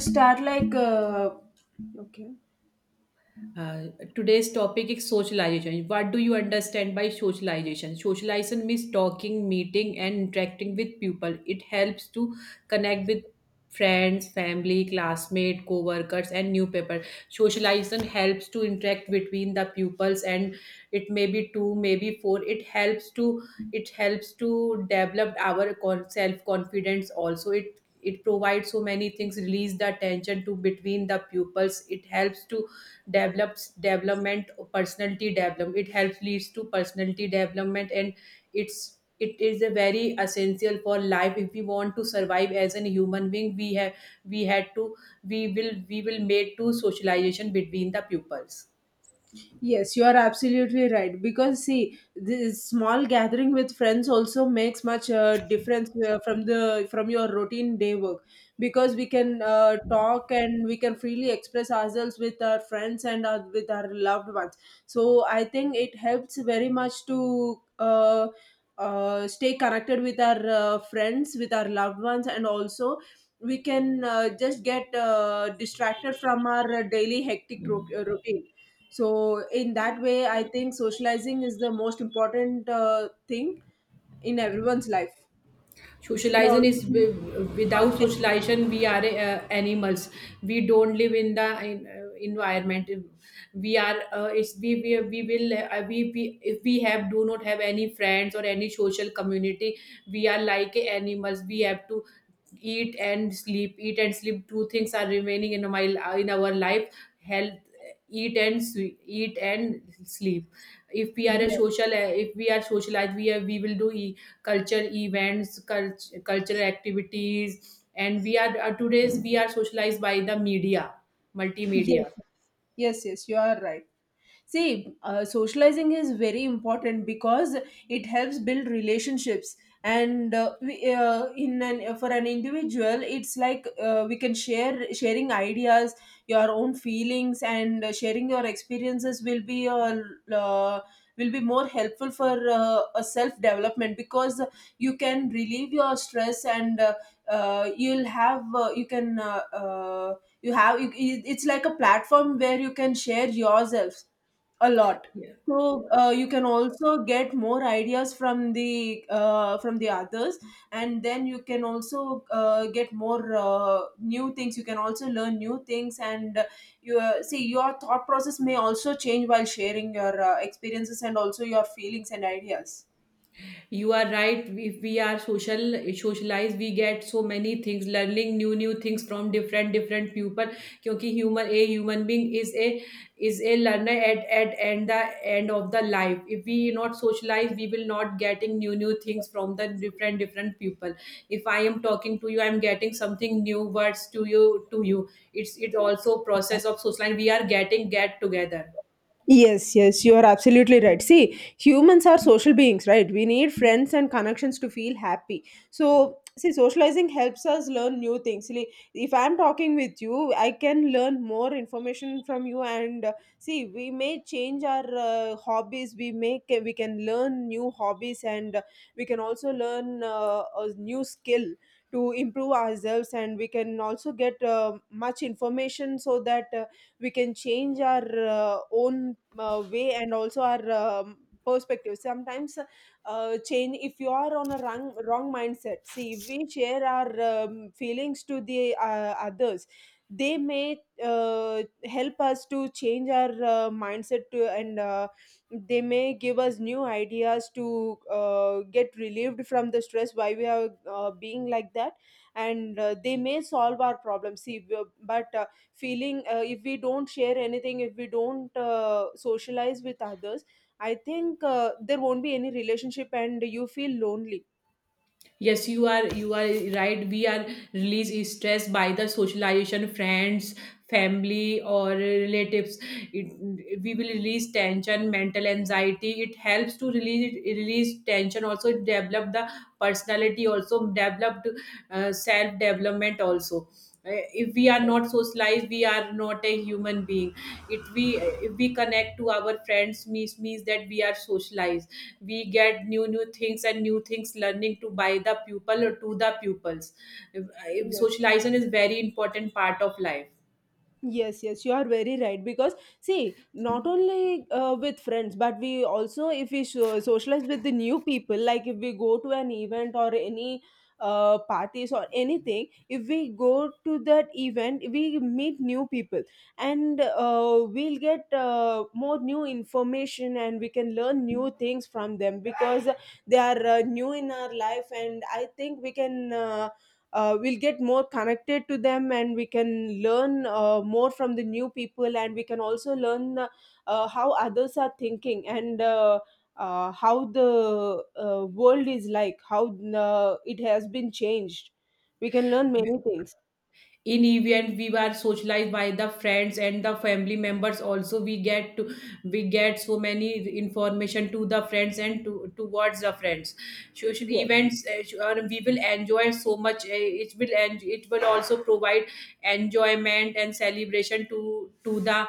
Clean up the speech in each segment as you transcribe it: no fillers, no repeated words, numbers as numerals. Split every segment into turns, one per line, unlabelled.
Start like Okay.
Uh, Today's topic is socialization. What do you understand by socialization? Socialization means talking, meeting, and interacting with people. It helps to connect with friends, family, classmates, co-workers, and new people. Socialization helps to interact between the pupils, and it may be two, maybe four. It helps to develop our self-confidence. Also, it provides so many things. Release the tension to between the pupils. It helps to develops development personality development it helps leads to personality development, and it is a very essential for life. If we want to survive as a human being, we had to we will made to socialization between the pupils.
Yes, you are absolutely right. Because see, this small gathering with friends also makes much difference from the from your routine day work. Because we can talk and we can freely express ourselves with our friends and our, with our loved ones. So I think it helps very much to stay connected with our friends, with our loved ones, and also we can just get distracted from our daily hectic routine, so in that way I think socializing is the most important thing in everyone's life. And I
Socialization is, without
also,
socialization we are animals. We don't live in the environment. We are it's, we will we If we have do not have any friends or any social community, we are like animals. We have to eat and sleep, eat and sleep. Two things are remaining in my in our life. Health. Eat and eat and sleep. If we are a
yes,
social If we are socialized, we will do culture events, cultural activities. And we are, today's, we are socialized by the media,
yes.
multimedia.
Yes, yes, you are right. See, socializing is very important because it helps build relationships, and in an for an individual, it's like we can share sharing ideas, your own feelings, and sharing your experiences will be a will be more helpful for a self development, because you can relieve your stress and you'll have you can. You have you, you- it's like a platform where you can share yourselves a lot. So you can also get more ideas from the others, and then you can also get more new things, you can also learn new things, and you see, your thought process may also change while sharing your experiences and also your feelings and ideas.
You are right. If we are socialized, we get so many things, learning new things from different people. क्योंकि human a human being is a learner at and the end of the life, if we not socialize, we will not getting new things from the different people. If I am talking to you, I'm getting something new words to you, to you it's it also process of socializing. We are getting get together.
Yes, yes, you are absolutely right. See, humans are social beings, right? We need friends and connections to feel happy. So, see, socializing helps us learn new things. See, if I'm talking with you, I can learn more information from you, and see, we may change our hobbies. We can learn new hobbies, and we can also learn a new skill to improve ourselves, and we can also get much information so that. We can change our own way and also our perspective sometimes change if you are on a wrong, wrong mindset. See, if we share our feelings to the others, they may help us to change our mindset to, and they may give us new ideas to get relieved from the stress, why we are being like that. And they may solve our problems. See w- but feeling If we don't share anything, if we don't socialize with others, I think there won't be any relationship and you feel lonely.
Yes, you are right. We are released stress by the socialization, friends, family, or relatives. We will release tension, mental anxiety. It helps to release tension, also develop the personality, also developed, self development also. If we are
Yes.
not socialized, we are not a human being. If we connect to our friends means, that we are socialized. We get new things, and new things learning to by the pupil or to the pupils. Uh,
Yes.
Socialization is very important part of life.
Yes, yes, you are very right. Because see, not only with friends, but we also, if we socialize with the new people, like if we go to an event or any parties or anything, if we go to that event, we meet new people and we'll get more new information, and we can learn new things from them because they are new in our life. And I think we can. We'll get more connected to them, and we can learn more from the new people, and we can also learn how others are thinking, and how the world is, like how it has been changed. We can learn many things.
In event, we were socialized by the friends and the family members also. We get so many information to the friends and to towards the friends. Social
Yes,
events, sure, we will enjoy so much. It will it will also provide enjoyment and celebration to the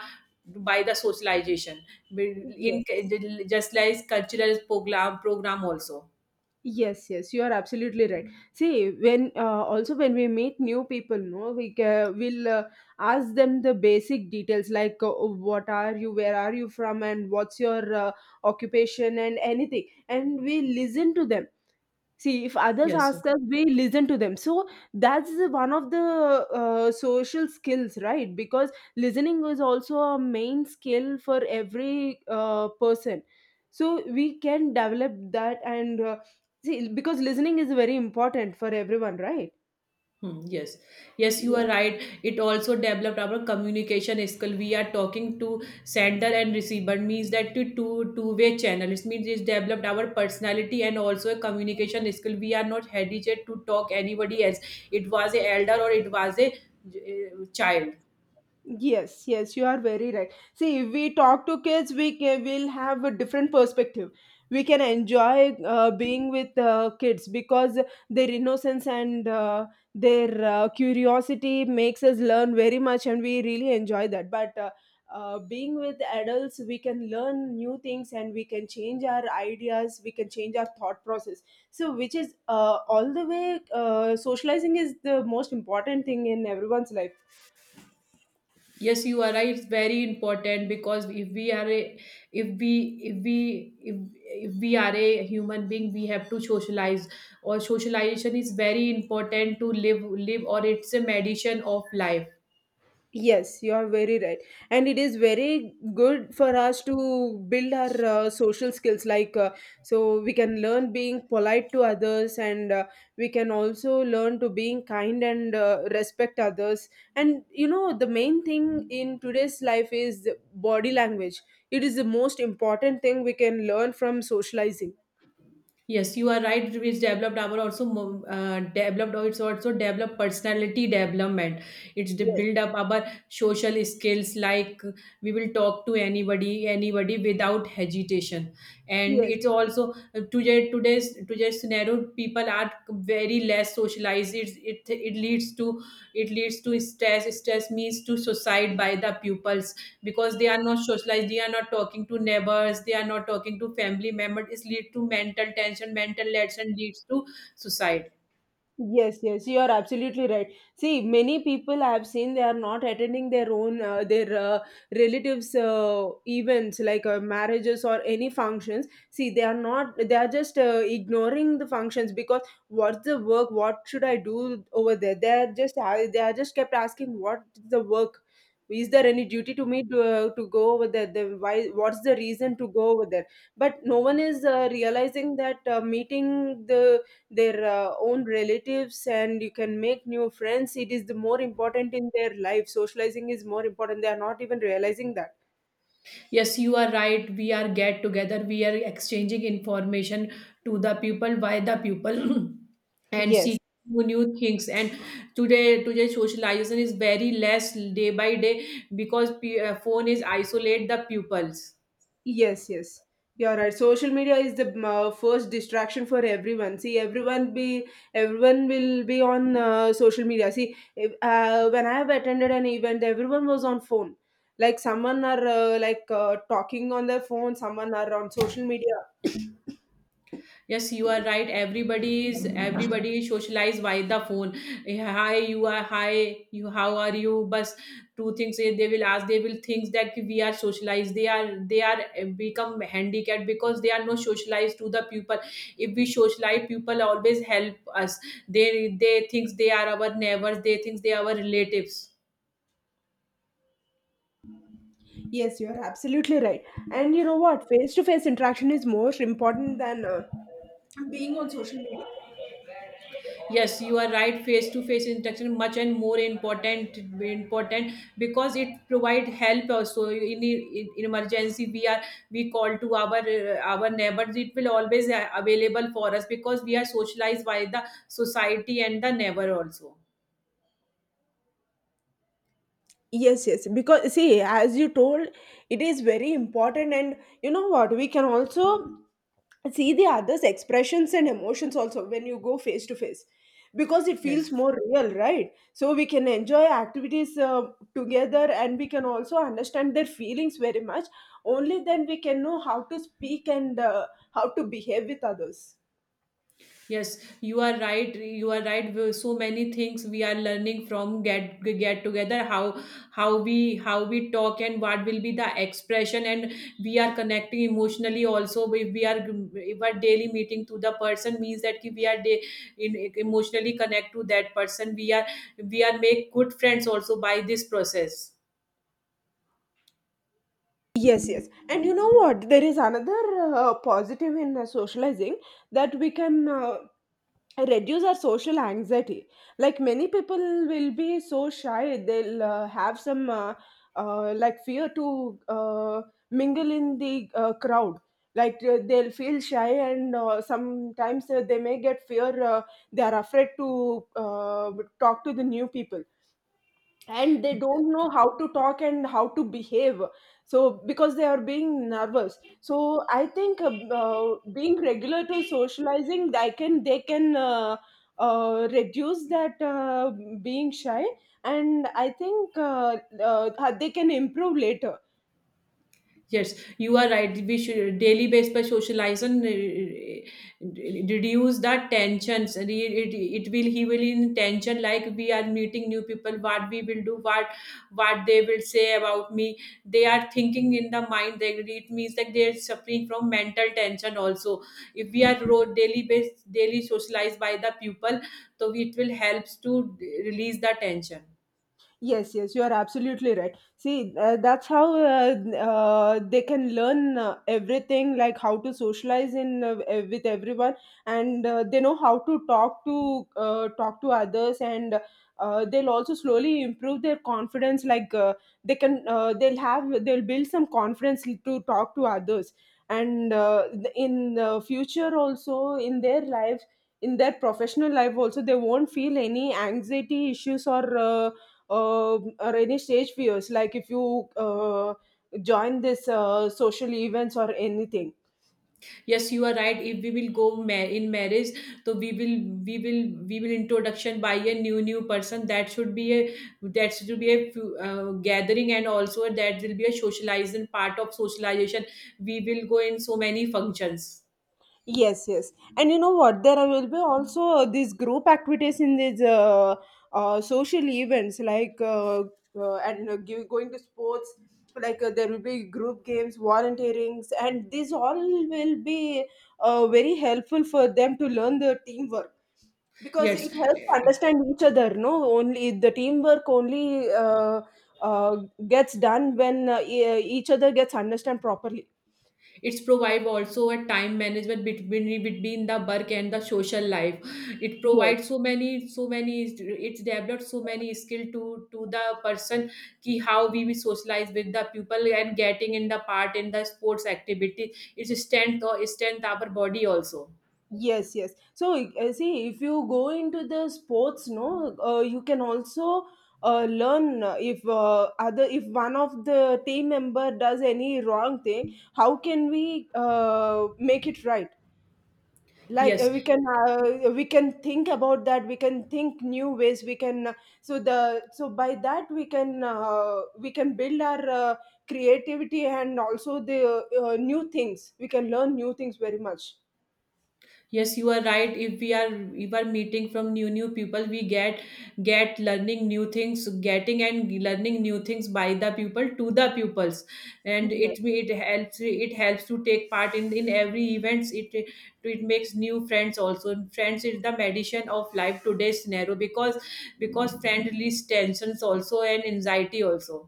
by the socialization We- in
yes.
just like cultural program also.
Yes, yes, you are absolutely right. See, when also when we meet new people, no, we will ask them the basic details, like what are you, where are you from, and what's your occupation, and anything, and we listen to them. See, if others
Yes, sir.
ask us, we listen to them. So that's one of the social skills, right? Because listening is also a main skill for every person. So we can develop that, and see, because listening is very important for everyone, right?
Yes, yes, you are right. It also developed our communication skill. We are talking to sender and receiver, means that to two-way channel. It means it developed our personality and also a communication skill. We are not hesitant to talk anybody else. It was a elder or it was a child.
Yes, yes, you are very right. See, if we talk to kids, will have a different perspective. We can enjoy being with kids because their innocence and their curiosity makes us learn very much, and we really enjoy that. But Being with adults, we can learn new things, and we can change our ideas, we can change our thought process. So, which is all the way, socializing is the most important thing in everyone's life.
Yes, you are right. It's very important, because if we are a if we if we if, if we are a human being, we have to socialize, or socialization is very important to live, or it's a medicine of life.
Yes, you are very right. And it is very good for us to build our social skills. Like, so we can learn being polite to others, and we can also learn to being kind and respect others. And you know, the main thing in today's life is body language. It is the most important thing we can learn from socializing.
Yes, you are right. Which developed our also developed, or it's also developed personality development. It's the
Yes,
build up our social skills. Like, we will talk to anybody, anybody without hesitation. And
yes.
it's also, today's scenario, people are very less socialized. It leads to stress. Stress means to suicide by the pupils, because they are not socialized, they are not talking to neighbors, they are not talking to family members. It leads to mental tension. Mental tension leads to suicide.
Yes, yes, you are absolutely right. See, many people I have seen, they are not attending their own their relatives' events, like marriages or any functions. See, they are not they are just ignoring the functions because what's the work? What should I do over there? They are just kept asking, what is the work? Is there any duty to me to go over there? Then why? What's the reason to go over there? But no one is realizing that meeting the their own relatives and you can make new friends, it is the more important in their life. Socializing is more important, they are not even realizing that.
Yes, you are right. We are get together, we are exchanging information to the people, by the people and
Yes.
seeking new things. And today socialization is very less, day by day, because phone is isolate the pupils.
Yes, yes. You're right. Social media is the first distraction for everyone. See, everyone will be on social media. See, if, when I have attended an event, everyone was on phone. Like, someone are like talking on their phone. Someone are on social media.
Yes, you are right. Everybody is everybody socialized by the phone. Eh, hi, you are. Hi, you. How are you? But two things, eh, they will ask. They will think that we are socialized. They are. They are, eh, become handicapped, because they are not socialized to the people. If we socialize, people always help us. They think they are our neighbors. They think they are our relatives.
Yes, you are absolutely right. And you know what? Face to face interaction is more important than being on social media.
Yes, you are right. Face-to-face interaction much and more important, because it provide help also in, emergency. We call to our neighbors. It will always available for us, because we are socialized by the society and the neighbor also.
Yes, yes. Because see, as you told, it is very important. And you know what? We can also see the other's expressions and emotions also when you go face to face, because it feels
Yes.
more real, right? So we can enjoy activities together, and we can also understand their feelings very much. Only then we can know how to speak, and how to behave with others.
Yes, you are right. You are right. We- so many things we are learning from get together. How we how we talk, and what will be the expression, and we are connecting emotionally also. If we are, if our daily meeting to the person means that ki we are day, in, emotionally connect to that person. We are make good friends also by this process.
Yes, yes. And you know what? There is another positive in socializing, that we can reduce our social anxiety. Like, many people will be so shy, they'll have some like fear to mingle in the crowd. Like, they'll feel shy, and sometimes they may get fear, they are afraid to talk to the new people, and they don't know how to talk and how to behave. So because they are being nervous, so I think being regular to socializing, I can they can reduce that being shy. And I think they can improve later.
Yes, you are right. We should daily based by socialization, reduce the tensions. And it will he will in tension, like we are meeting new people. What we will do, what they will say about me. They are thinking in the mind. They It means that they are suffering from mental tension also. If we are daily based, daily socialized by the people, so it will helps to release the tension.
Yes, yes, you are absolutely right. See, that's how they can learn everything, like how to socialize in with everyone, and they know how to talk to talk to others, and they'll also slowly improve their confidence. Like, they can, they'll build some confidence to talk to others, and in the future also in their lives, in their professional life also, they won't feel any anxiety issues or. Or any stage fears, like if you join this social events or anything.
Yes, you are right. If we will go in marriage, so we will we will introduction by a new person. That should be a gathering, and also that will be a socializing, part of socialization. We will go in so many functions.
Yes, yes. And you know what? There will be also these group activities in these social events, like going to sports. Like, there will be group games, volunteerings, and these all will be very helpful for them to learn the teamwork, because
Yes.
it helps understand each other. No, only the teamwork only uh, gets done when each other gets understand properly.
It's provide also a time management between the work and the social life. It
Yes.
provides so many, it's developed so many skill to the person, ki how we socialize with the people and getting in the part in the sports activity. It's strength or strength our body also.
Yes, yes. So see, if you go into the sports, no, you can also learn if other if one of the team member does any wrong thing, how can we make it right? Like,
Yes,
we can think about that. We can think new ways. We can so the so by that we can build our creativity and also the new things. We can learn new things very much.
yes, you are right. If we are, if we are meeting from new people, we get learning new things, getting and learning new things by the people to the pupils. And it helps, it helps to take part in every events. It makes new friends also. Friends is the medicine of life, today's scenario, because friend release tensions also, and anxiety also.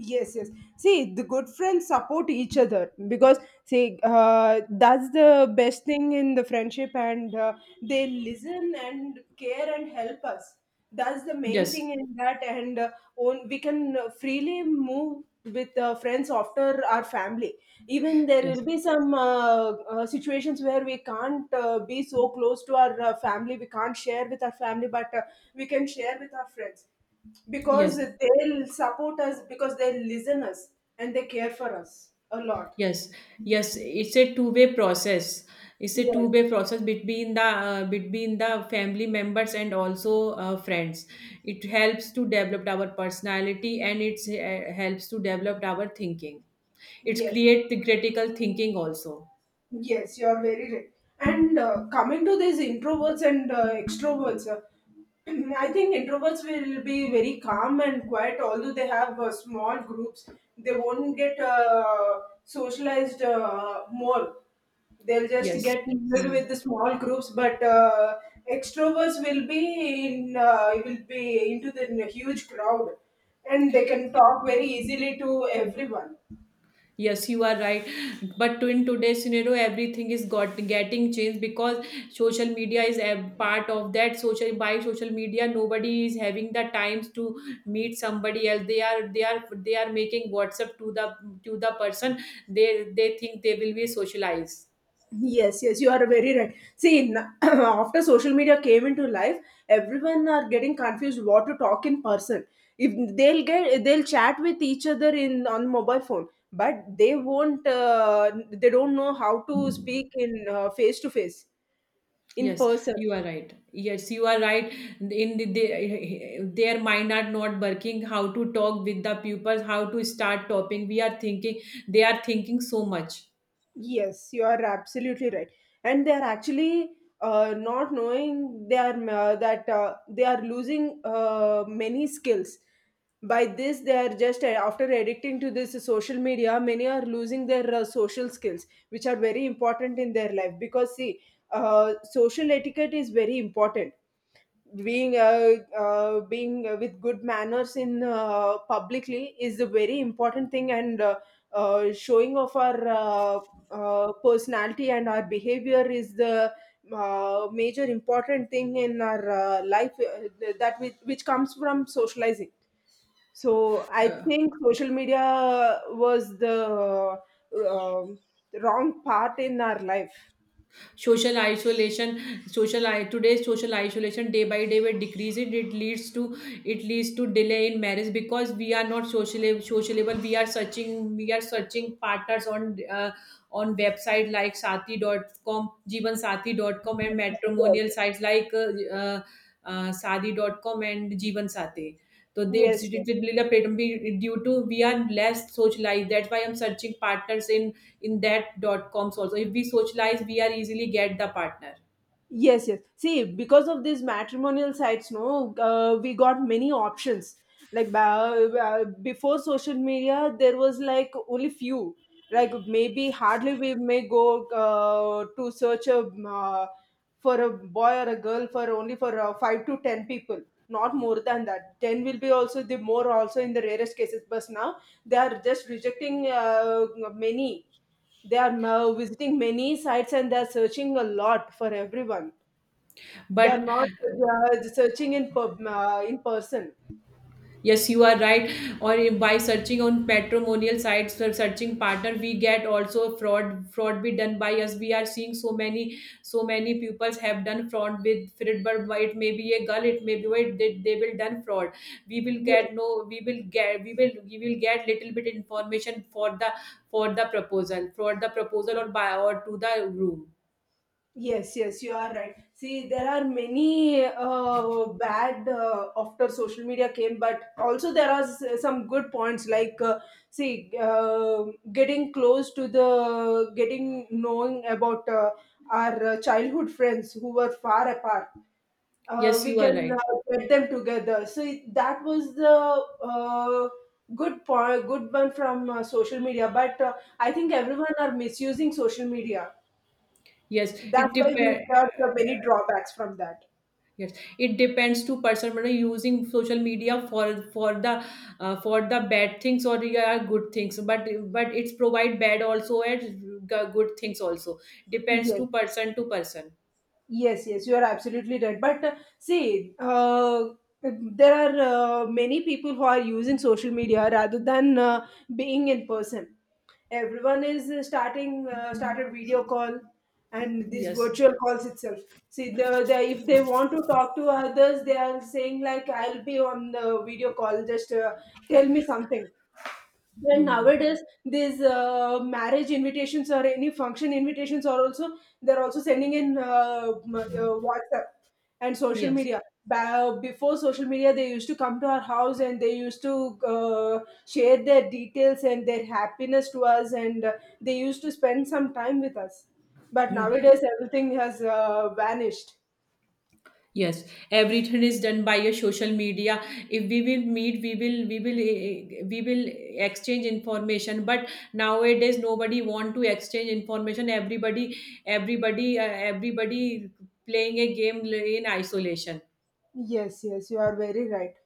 Yes, yes. See, the good friends support each other because that's the best thing in the friendship, and they listen and care and help us. That's the main thing
Yes.
in that and We can freely move with friends after our family. Even there
yes
will be some situations where we can't be so close to our family. We can't share with our family but we can share with our friends, because
yes
they'll support us, because they listen us and they care for us a lot.
Yes, yes, it's a two-way process. It's a
Yes,
two-way process between the family members and also, friends. It helps to develop our personality, and it, helps to develop our thinking. It's
yes.
create the critical thinking also.
Yes, you are very right. And coming to these introverts and extroverts, I think introverts will be very calm and quiet, although they have small groups. They won't get socialized more. They'll just
Yes.
get mingled
Hmm.
with the small groups, but extroverts will be in will be into the huge crowd, and they can talk very easily to everyone.
Yes, you are right. But to in today's scenario, everything is got getting changed, because social media is a part of that. Social by social media, nobody is having the times to meet somebody else. They are making WhatsApp to the person. They think they will be socialized.
Yes, yes, you are very right. See, after social media came into life, everyone are getting confused what to talk in person. If they'll get, they'll chat with each other in on mobile phone, but they won't. They don't know how to speak in face to face, in
Yes,
person.
you are right. Yes, you are right. In the, their mind are not working. How to talk with the pupils? How to start topping? We are thinking. They are thinking so much.
Yes, you are absolutely right. And they are actually not knowing they are that they are losing many skills. By this, they are just after addicting to this social media, many are losing their social skills, which are very important in their life. Because see, social etiquette is very important. Being with good manners in publicly is a very important thing, and showing off our personality and our behavior is the major important thing in our life, that which comes from socializing. So I
Uh,
think social media was the uh, wrong part in our life.
Social isolation, today's social isolation day by day will decrease. It leads to delay in marriage, because we are not socially sociable. We are searching, partners on website like sati.com, jeevansathi.com, and matrimonial
Yes.
sites, like sadi.com and jeevansati. So they, it's-
Yes.
it will be a platform due to we are less socialized. That's why I'm searching partners in that dot coms also. If we socialize, we are easily get the partner.
Yes, yes. See, because of these matrimonial sites, no, we got many options. Like before social media, there was like only few. Like maybe hardly we may go to search a for a boy or a girl for only for five to ten people, not more than that. Ten will be also the more also in the rarest cases. But now they are just rejecting many. They are visiting many sites and they are searching a lot for everyone. They are
But
not searching in in person.
yes, you are right. Or if by searching on matrimonial sites for searching partner, we get also fraud. Fraud be done by us. We are seeing so many, pupils have done fraud with Fred. But it may be a girl, it may be, why they will done fraud. We will
Yes,
get no We will get, we will get little bit information for the for the proposal, or by or to the room.
yes, yes, you are right. See, there are many bad after social media came, but also there are some good points like, see, getting close getting knowing about our childhood friends who were far apart.
Yes,
We
you are
can
right.
get them together. So that was the uh, good point, good one from social media. But I think everyone are misusing social media.
Yes,
That's
it
why we
depends.
got many drawbacks from that.
Yes, it depends to person. But using social media for for the bad things, or yeah, good things. But it's provide bad also, and good things also. Depends
Yes.
to person to person.
Yes, yes, you are absolutely right. But see, there are many people who are using social media rather than being in person. Everyone is starting started video call and these
Yes.
virtual calls itself. See, the if they want to talk to others, they are saying like, "I'll be on the video call. Just tell me something." Then
Hmm.
nowadays, these marriage invitations or any function invitations are also they're also sending in WhatsApp and social
Yes.
media. Before social media, they used to come to our house and they used to share their details and their happiness to us, and they used to spend some time with us. But
Hmm.
nowadays, everything has vanished.
Yes, everything is done by your social media. If we will meet, we will we will exchange information. But nowadays, nobody want to exchange information. Everybody, everybody playing a game in isolation.
Yes, yes, you are very right.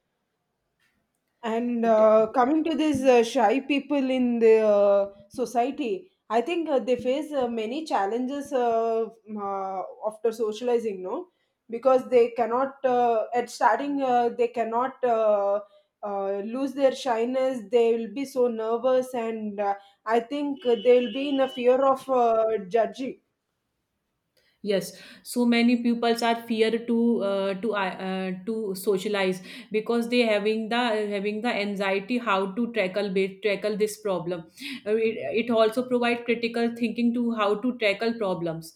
And
It-
coming to these shy people in the society, I think they face many challenges after socializing, no? Because they cannot, at starting, they cannot lose their shyness. They will be so nervous, and I think they will be in a fear of judging.
yes, so many pupils are fear to to socialize, because they having the anxiety, how to tackle tackle this problem. Uh, It, it also provide critical thinking to how to tackle problems.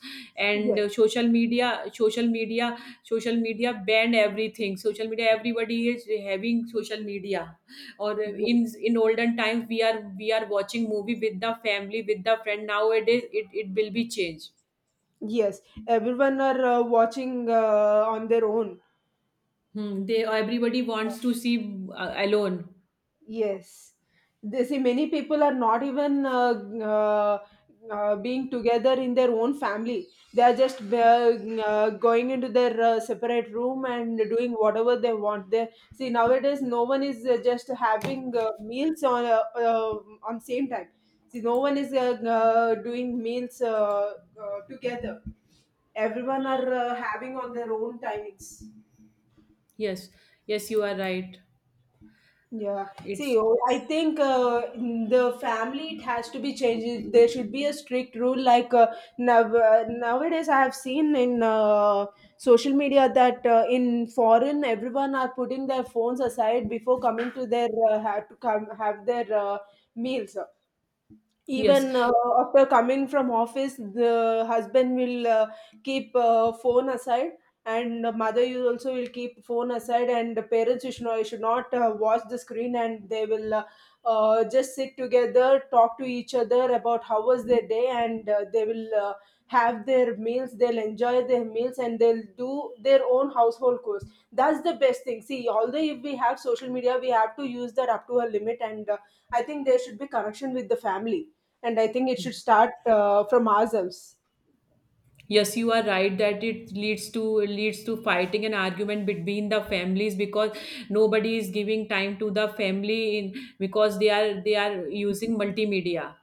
And
Yes,
social media ban everything. Social media, everybody is having social media. Or
yes,
in olden times, we are watching movie with the family, with the friend. Nowadays it will be changed.
yes. Everyone are watching on their own.
Hmm, they, everybody wants to see alone.
Yes. They see many people are not even uh, being together in their own family. They are just going into their separate room and doing whatever they want. They see nowadays no one is just having meals on same time. See no one is doing meals uh, together. Everyone are having on their own timings.
Yes, yes, you are right.
Yeah. See,
It's
oh, I think in the family it has to be changed. There should be a strict rule. Like now, nowadays, I have seen in social media that in foreign, everyone are putting their phones aside before coming to their have to come have their meals.
yes,
Even after coming from office, the husband will keep phone aside, and the mother you also will keep phone aside, and the parents you should not watch the screen, and they will just sit together, talk to each other about how was their day, and they will have their meals. They'll enjoy their meals and they'll do their own household chores. That's the best thing. See, although if we have social media, we have to use that up to a limit, and I think there should be connection with the family, and I think it should start from ourselves.
yes, you are right that it leads to fighting and argument between the families, because nobody is giving time to the family in because they are using multimedia,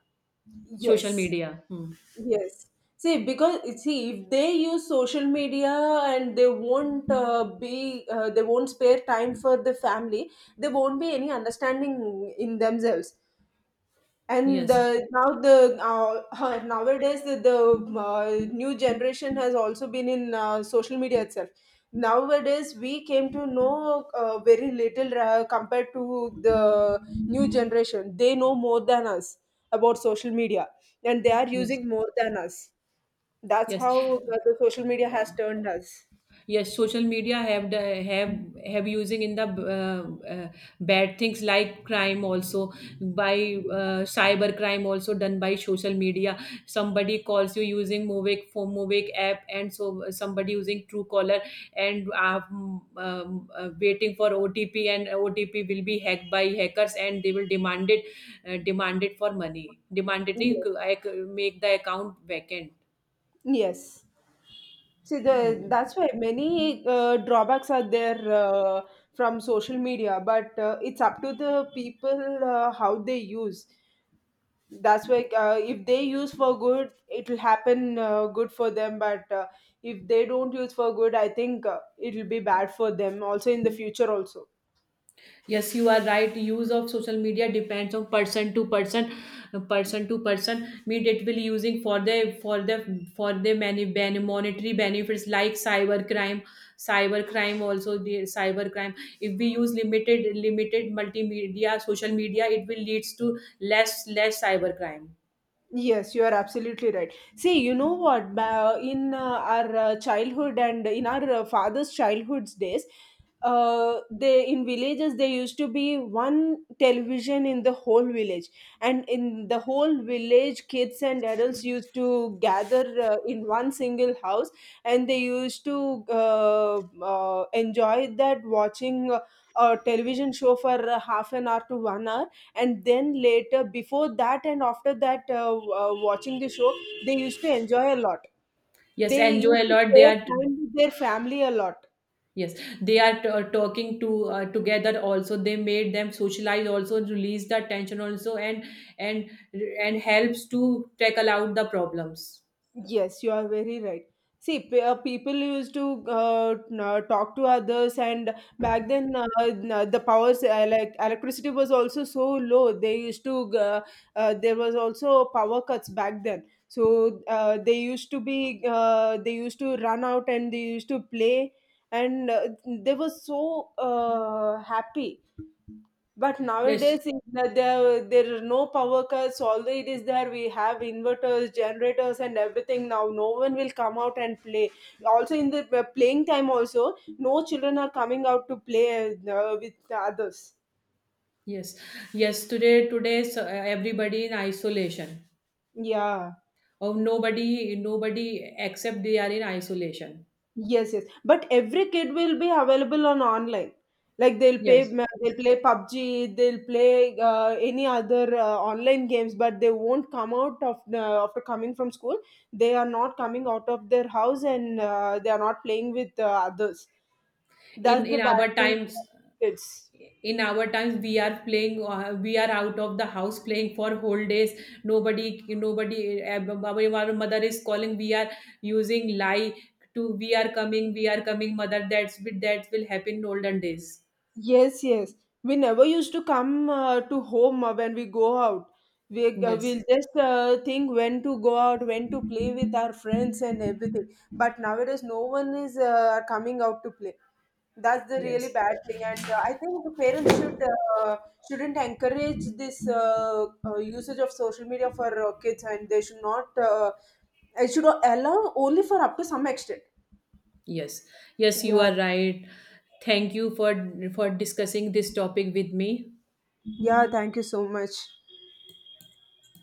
social
Yes,
media. Hmm.
yes. See, because see, if they use social media, and they won't be, they won't spare time for the family. There won't be any understanding in themselves. and
Yes,
the, now the, nowadays the new generation has also been in social media itself. Nowadays we came to know very little compared to the new generation. They know more than us about social media, and they are
yes,
using more than us. That's
yes.
how the social media
Uh,
has turned us.
Yes, social media have the have using in the uh, uh, bad things like crime also, by cyber crime also, done by social media. Somebody calls you using Movic, for Movic app, and so somebody using Truecaller, and waiting for OTP, and OTP will be hacked by hackers, and they will demand it for money. Demand it, nahi,
Yes.
I make the account vacant.
Yes. See,
Hmm.
that's why many drawbacks are there from social media, but it's up to the people how they use. That's why if they use for good, it will happen good for them. But if they don't use for good, I think it will be bad for them also in the future also.
Yes, you are right. Use of social media depends on person to person, person to person. Meet it will using for the many ben, monetary benefits like cyber crime also the cyber crime. If we use limited multimedia social media, it will leads to less cyber crime.
Yes, you are absolutely right. See, you know what? In our childhood and in our father's childhood's days, they in villages there used to be one television in the whole village, and in the whole village, kids and adults used to gather in one single house, and they used to enjoy that watching a television show for half an hour to 1 hour, and then later, before that and after that, watching the show, they used to enjoy a lot.
Yes,
They
enjoy
used
a
to
lot. They
spare
are,
time with their family a lot.
yes, they are, talking to together also. They made them socialize also, release the tension also, and and and helps to tackle out the problems.
Yes, you are very right. See, people used to talk to others, and back then the powers like electricity was also so low. They used to g- there was also power cuts back then, so they used to run out and they used to play, and they were so happy. But
Yes,
nowadays, is that there are no power cuts. Although it is there, we have inverters, generators, and everything. Now, no one will come out and play. Also, in the playing time, also no children are coming out to play with the others.
yes, yes. Today, so, everybody in isolation.
Yeah.
Or nobody, nobody except they are in isolation.
Yes, yes. But every kid will be available on online. Like they'll pay,
Yes,
they'll play PUBG, they'll play any other online games, but they won't come out after coming from school. They are not coming out of their house, and they are not playing with others. That's
in
the bad
our
thing for
times,
kids.
we are playing, we are out of the house, playing for whole days. Nobody, our mother is calling, we are using lie to, we are coming, mother. That's with that will happen in olden days.
Yes, yes. We never used to come to home when we go out. We'll
yes
just think when to go out, when to play with our friends and everything. But nowadays, no one is coming out to play. That's the really
yes
bad thing. And I think the parents shouldn't encourage this usage of social media for kids, and they should not. It should allow only for up to some extent.
yes Yes, you
Yeah.
are right. Thank you for discussing this topic with me.
Yeah. Thank you so much.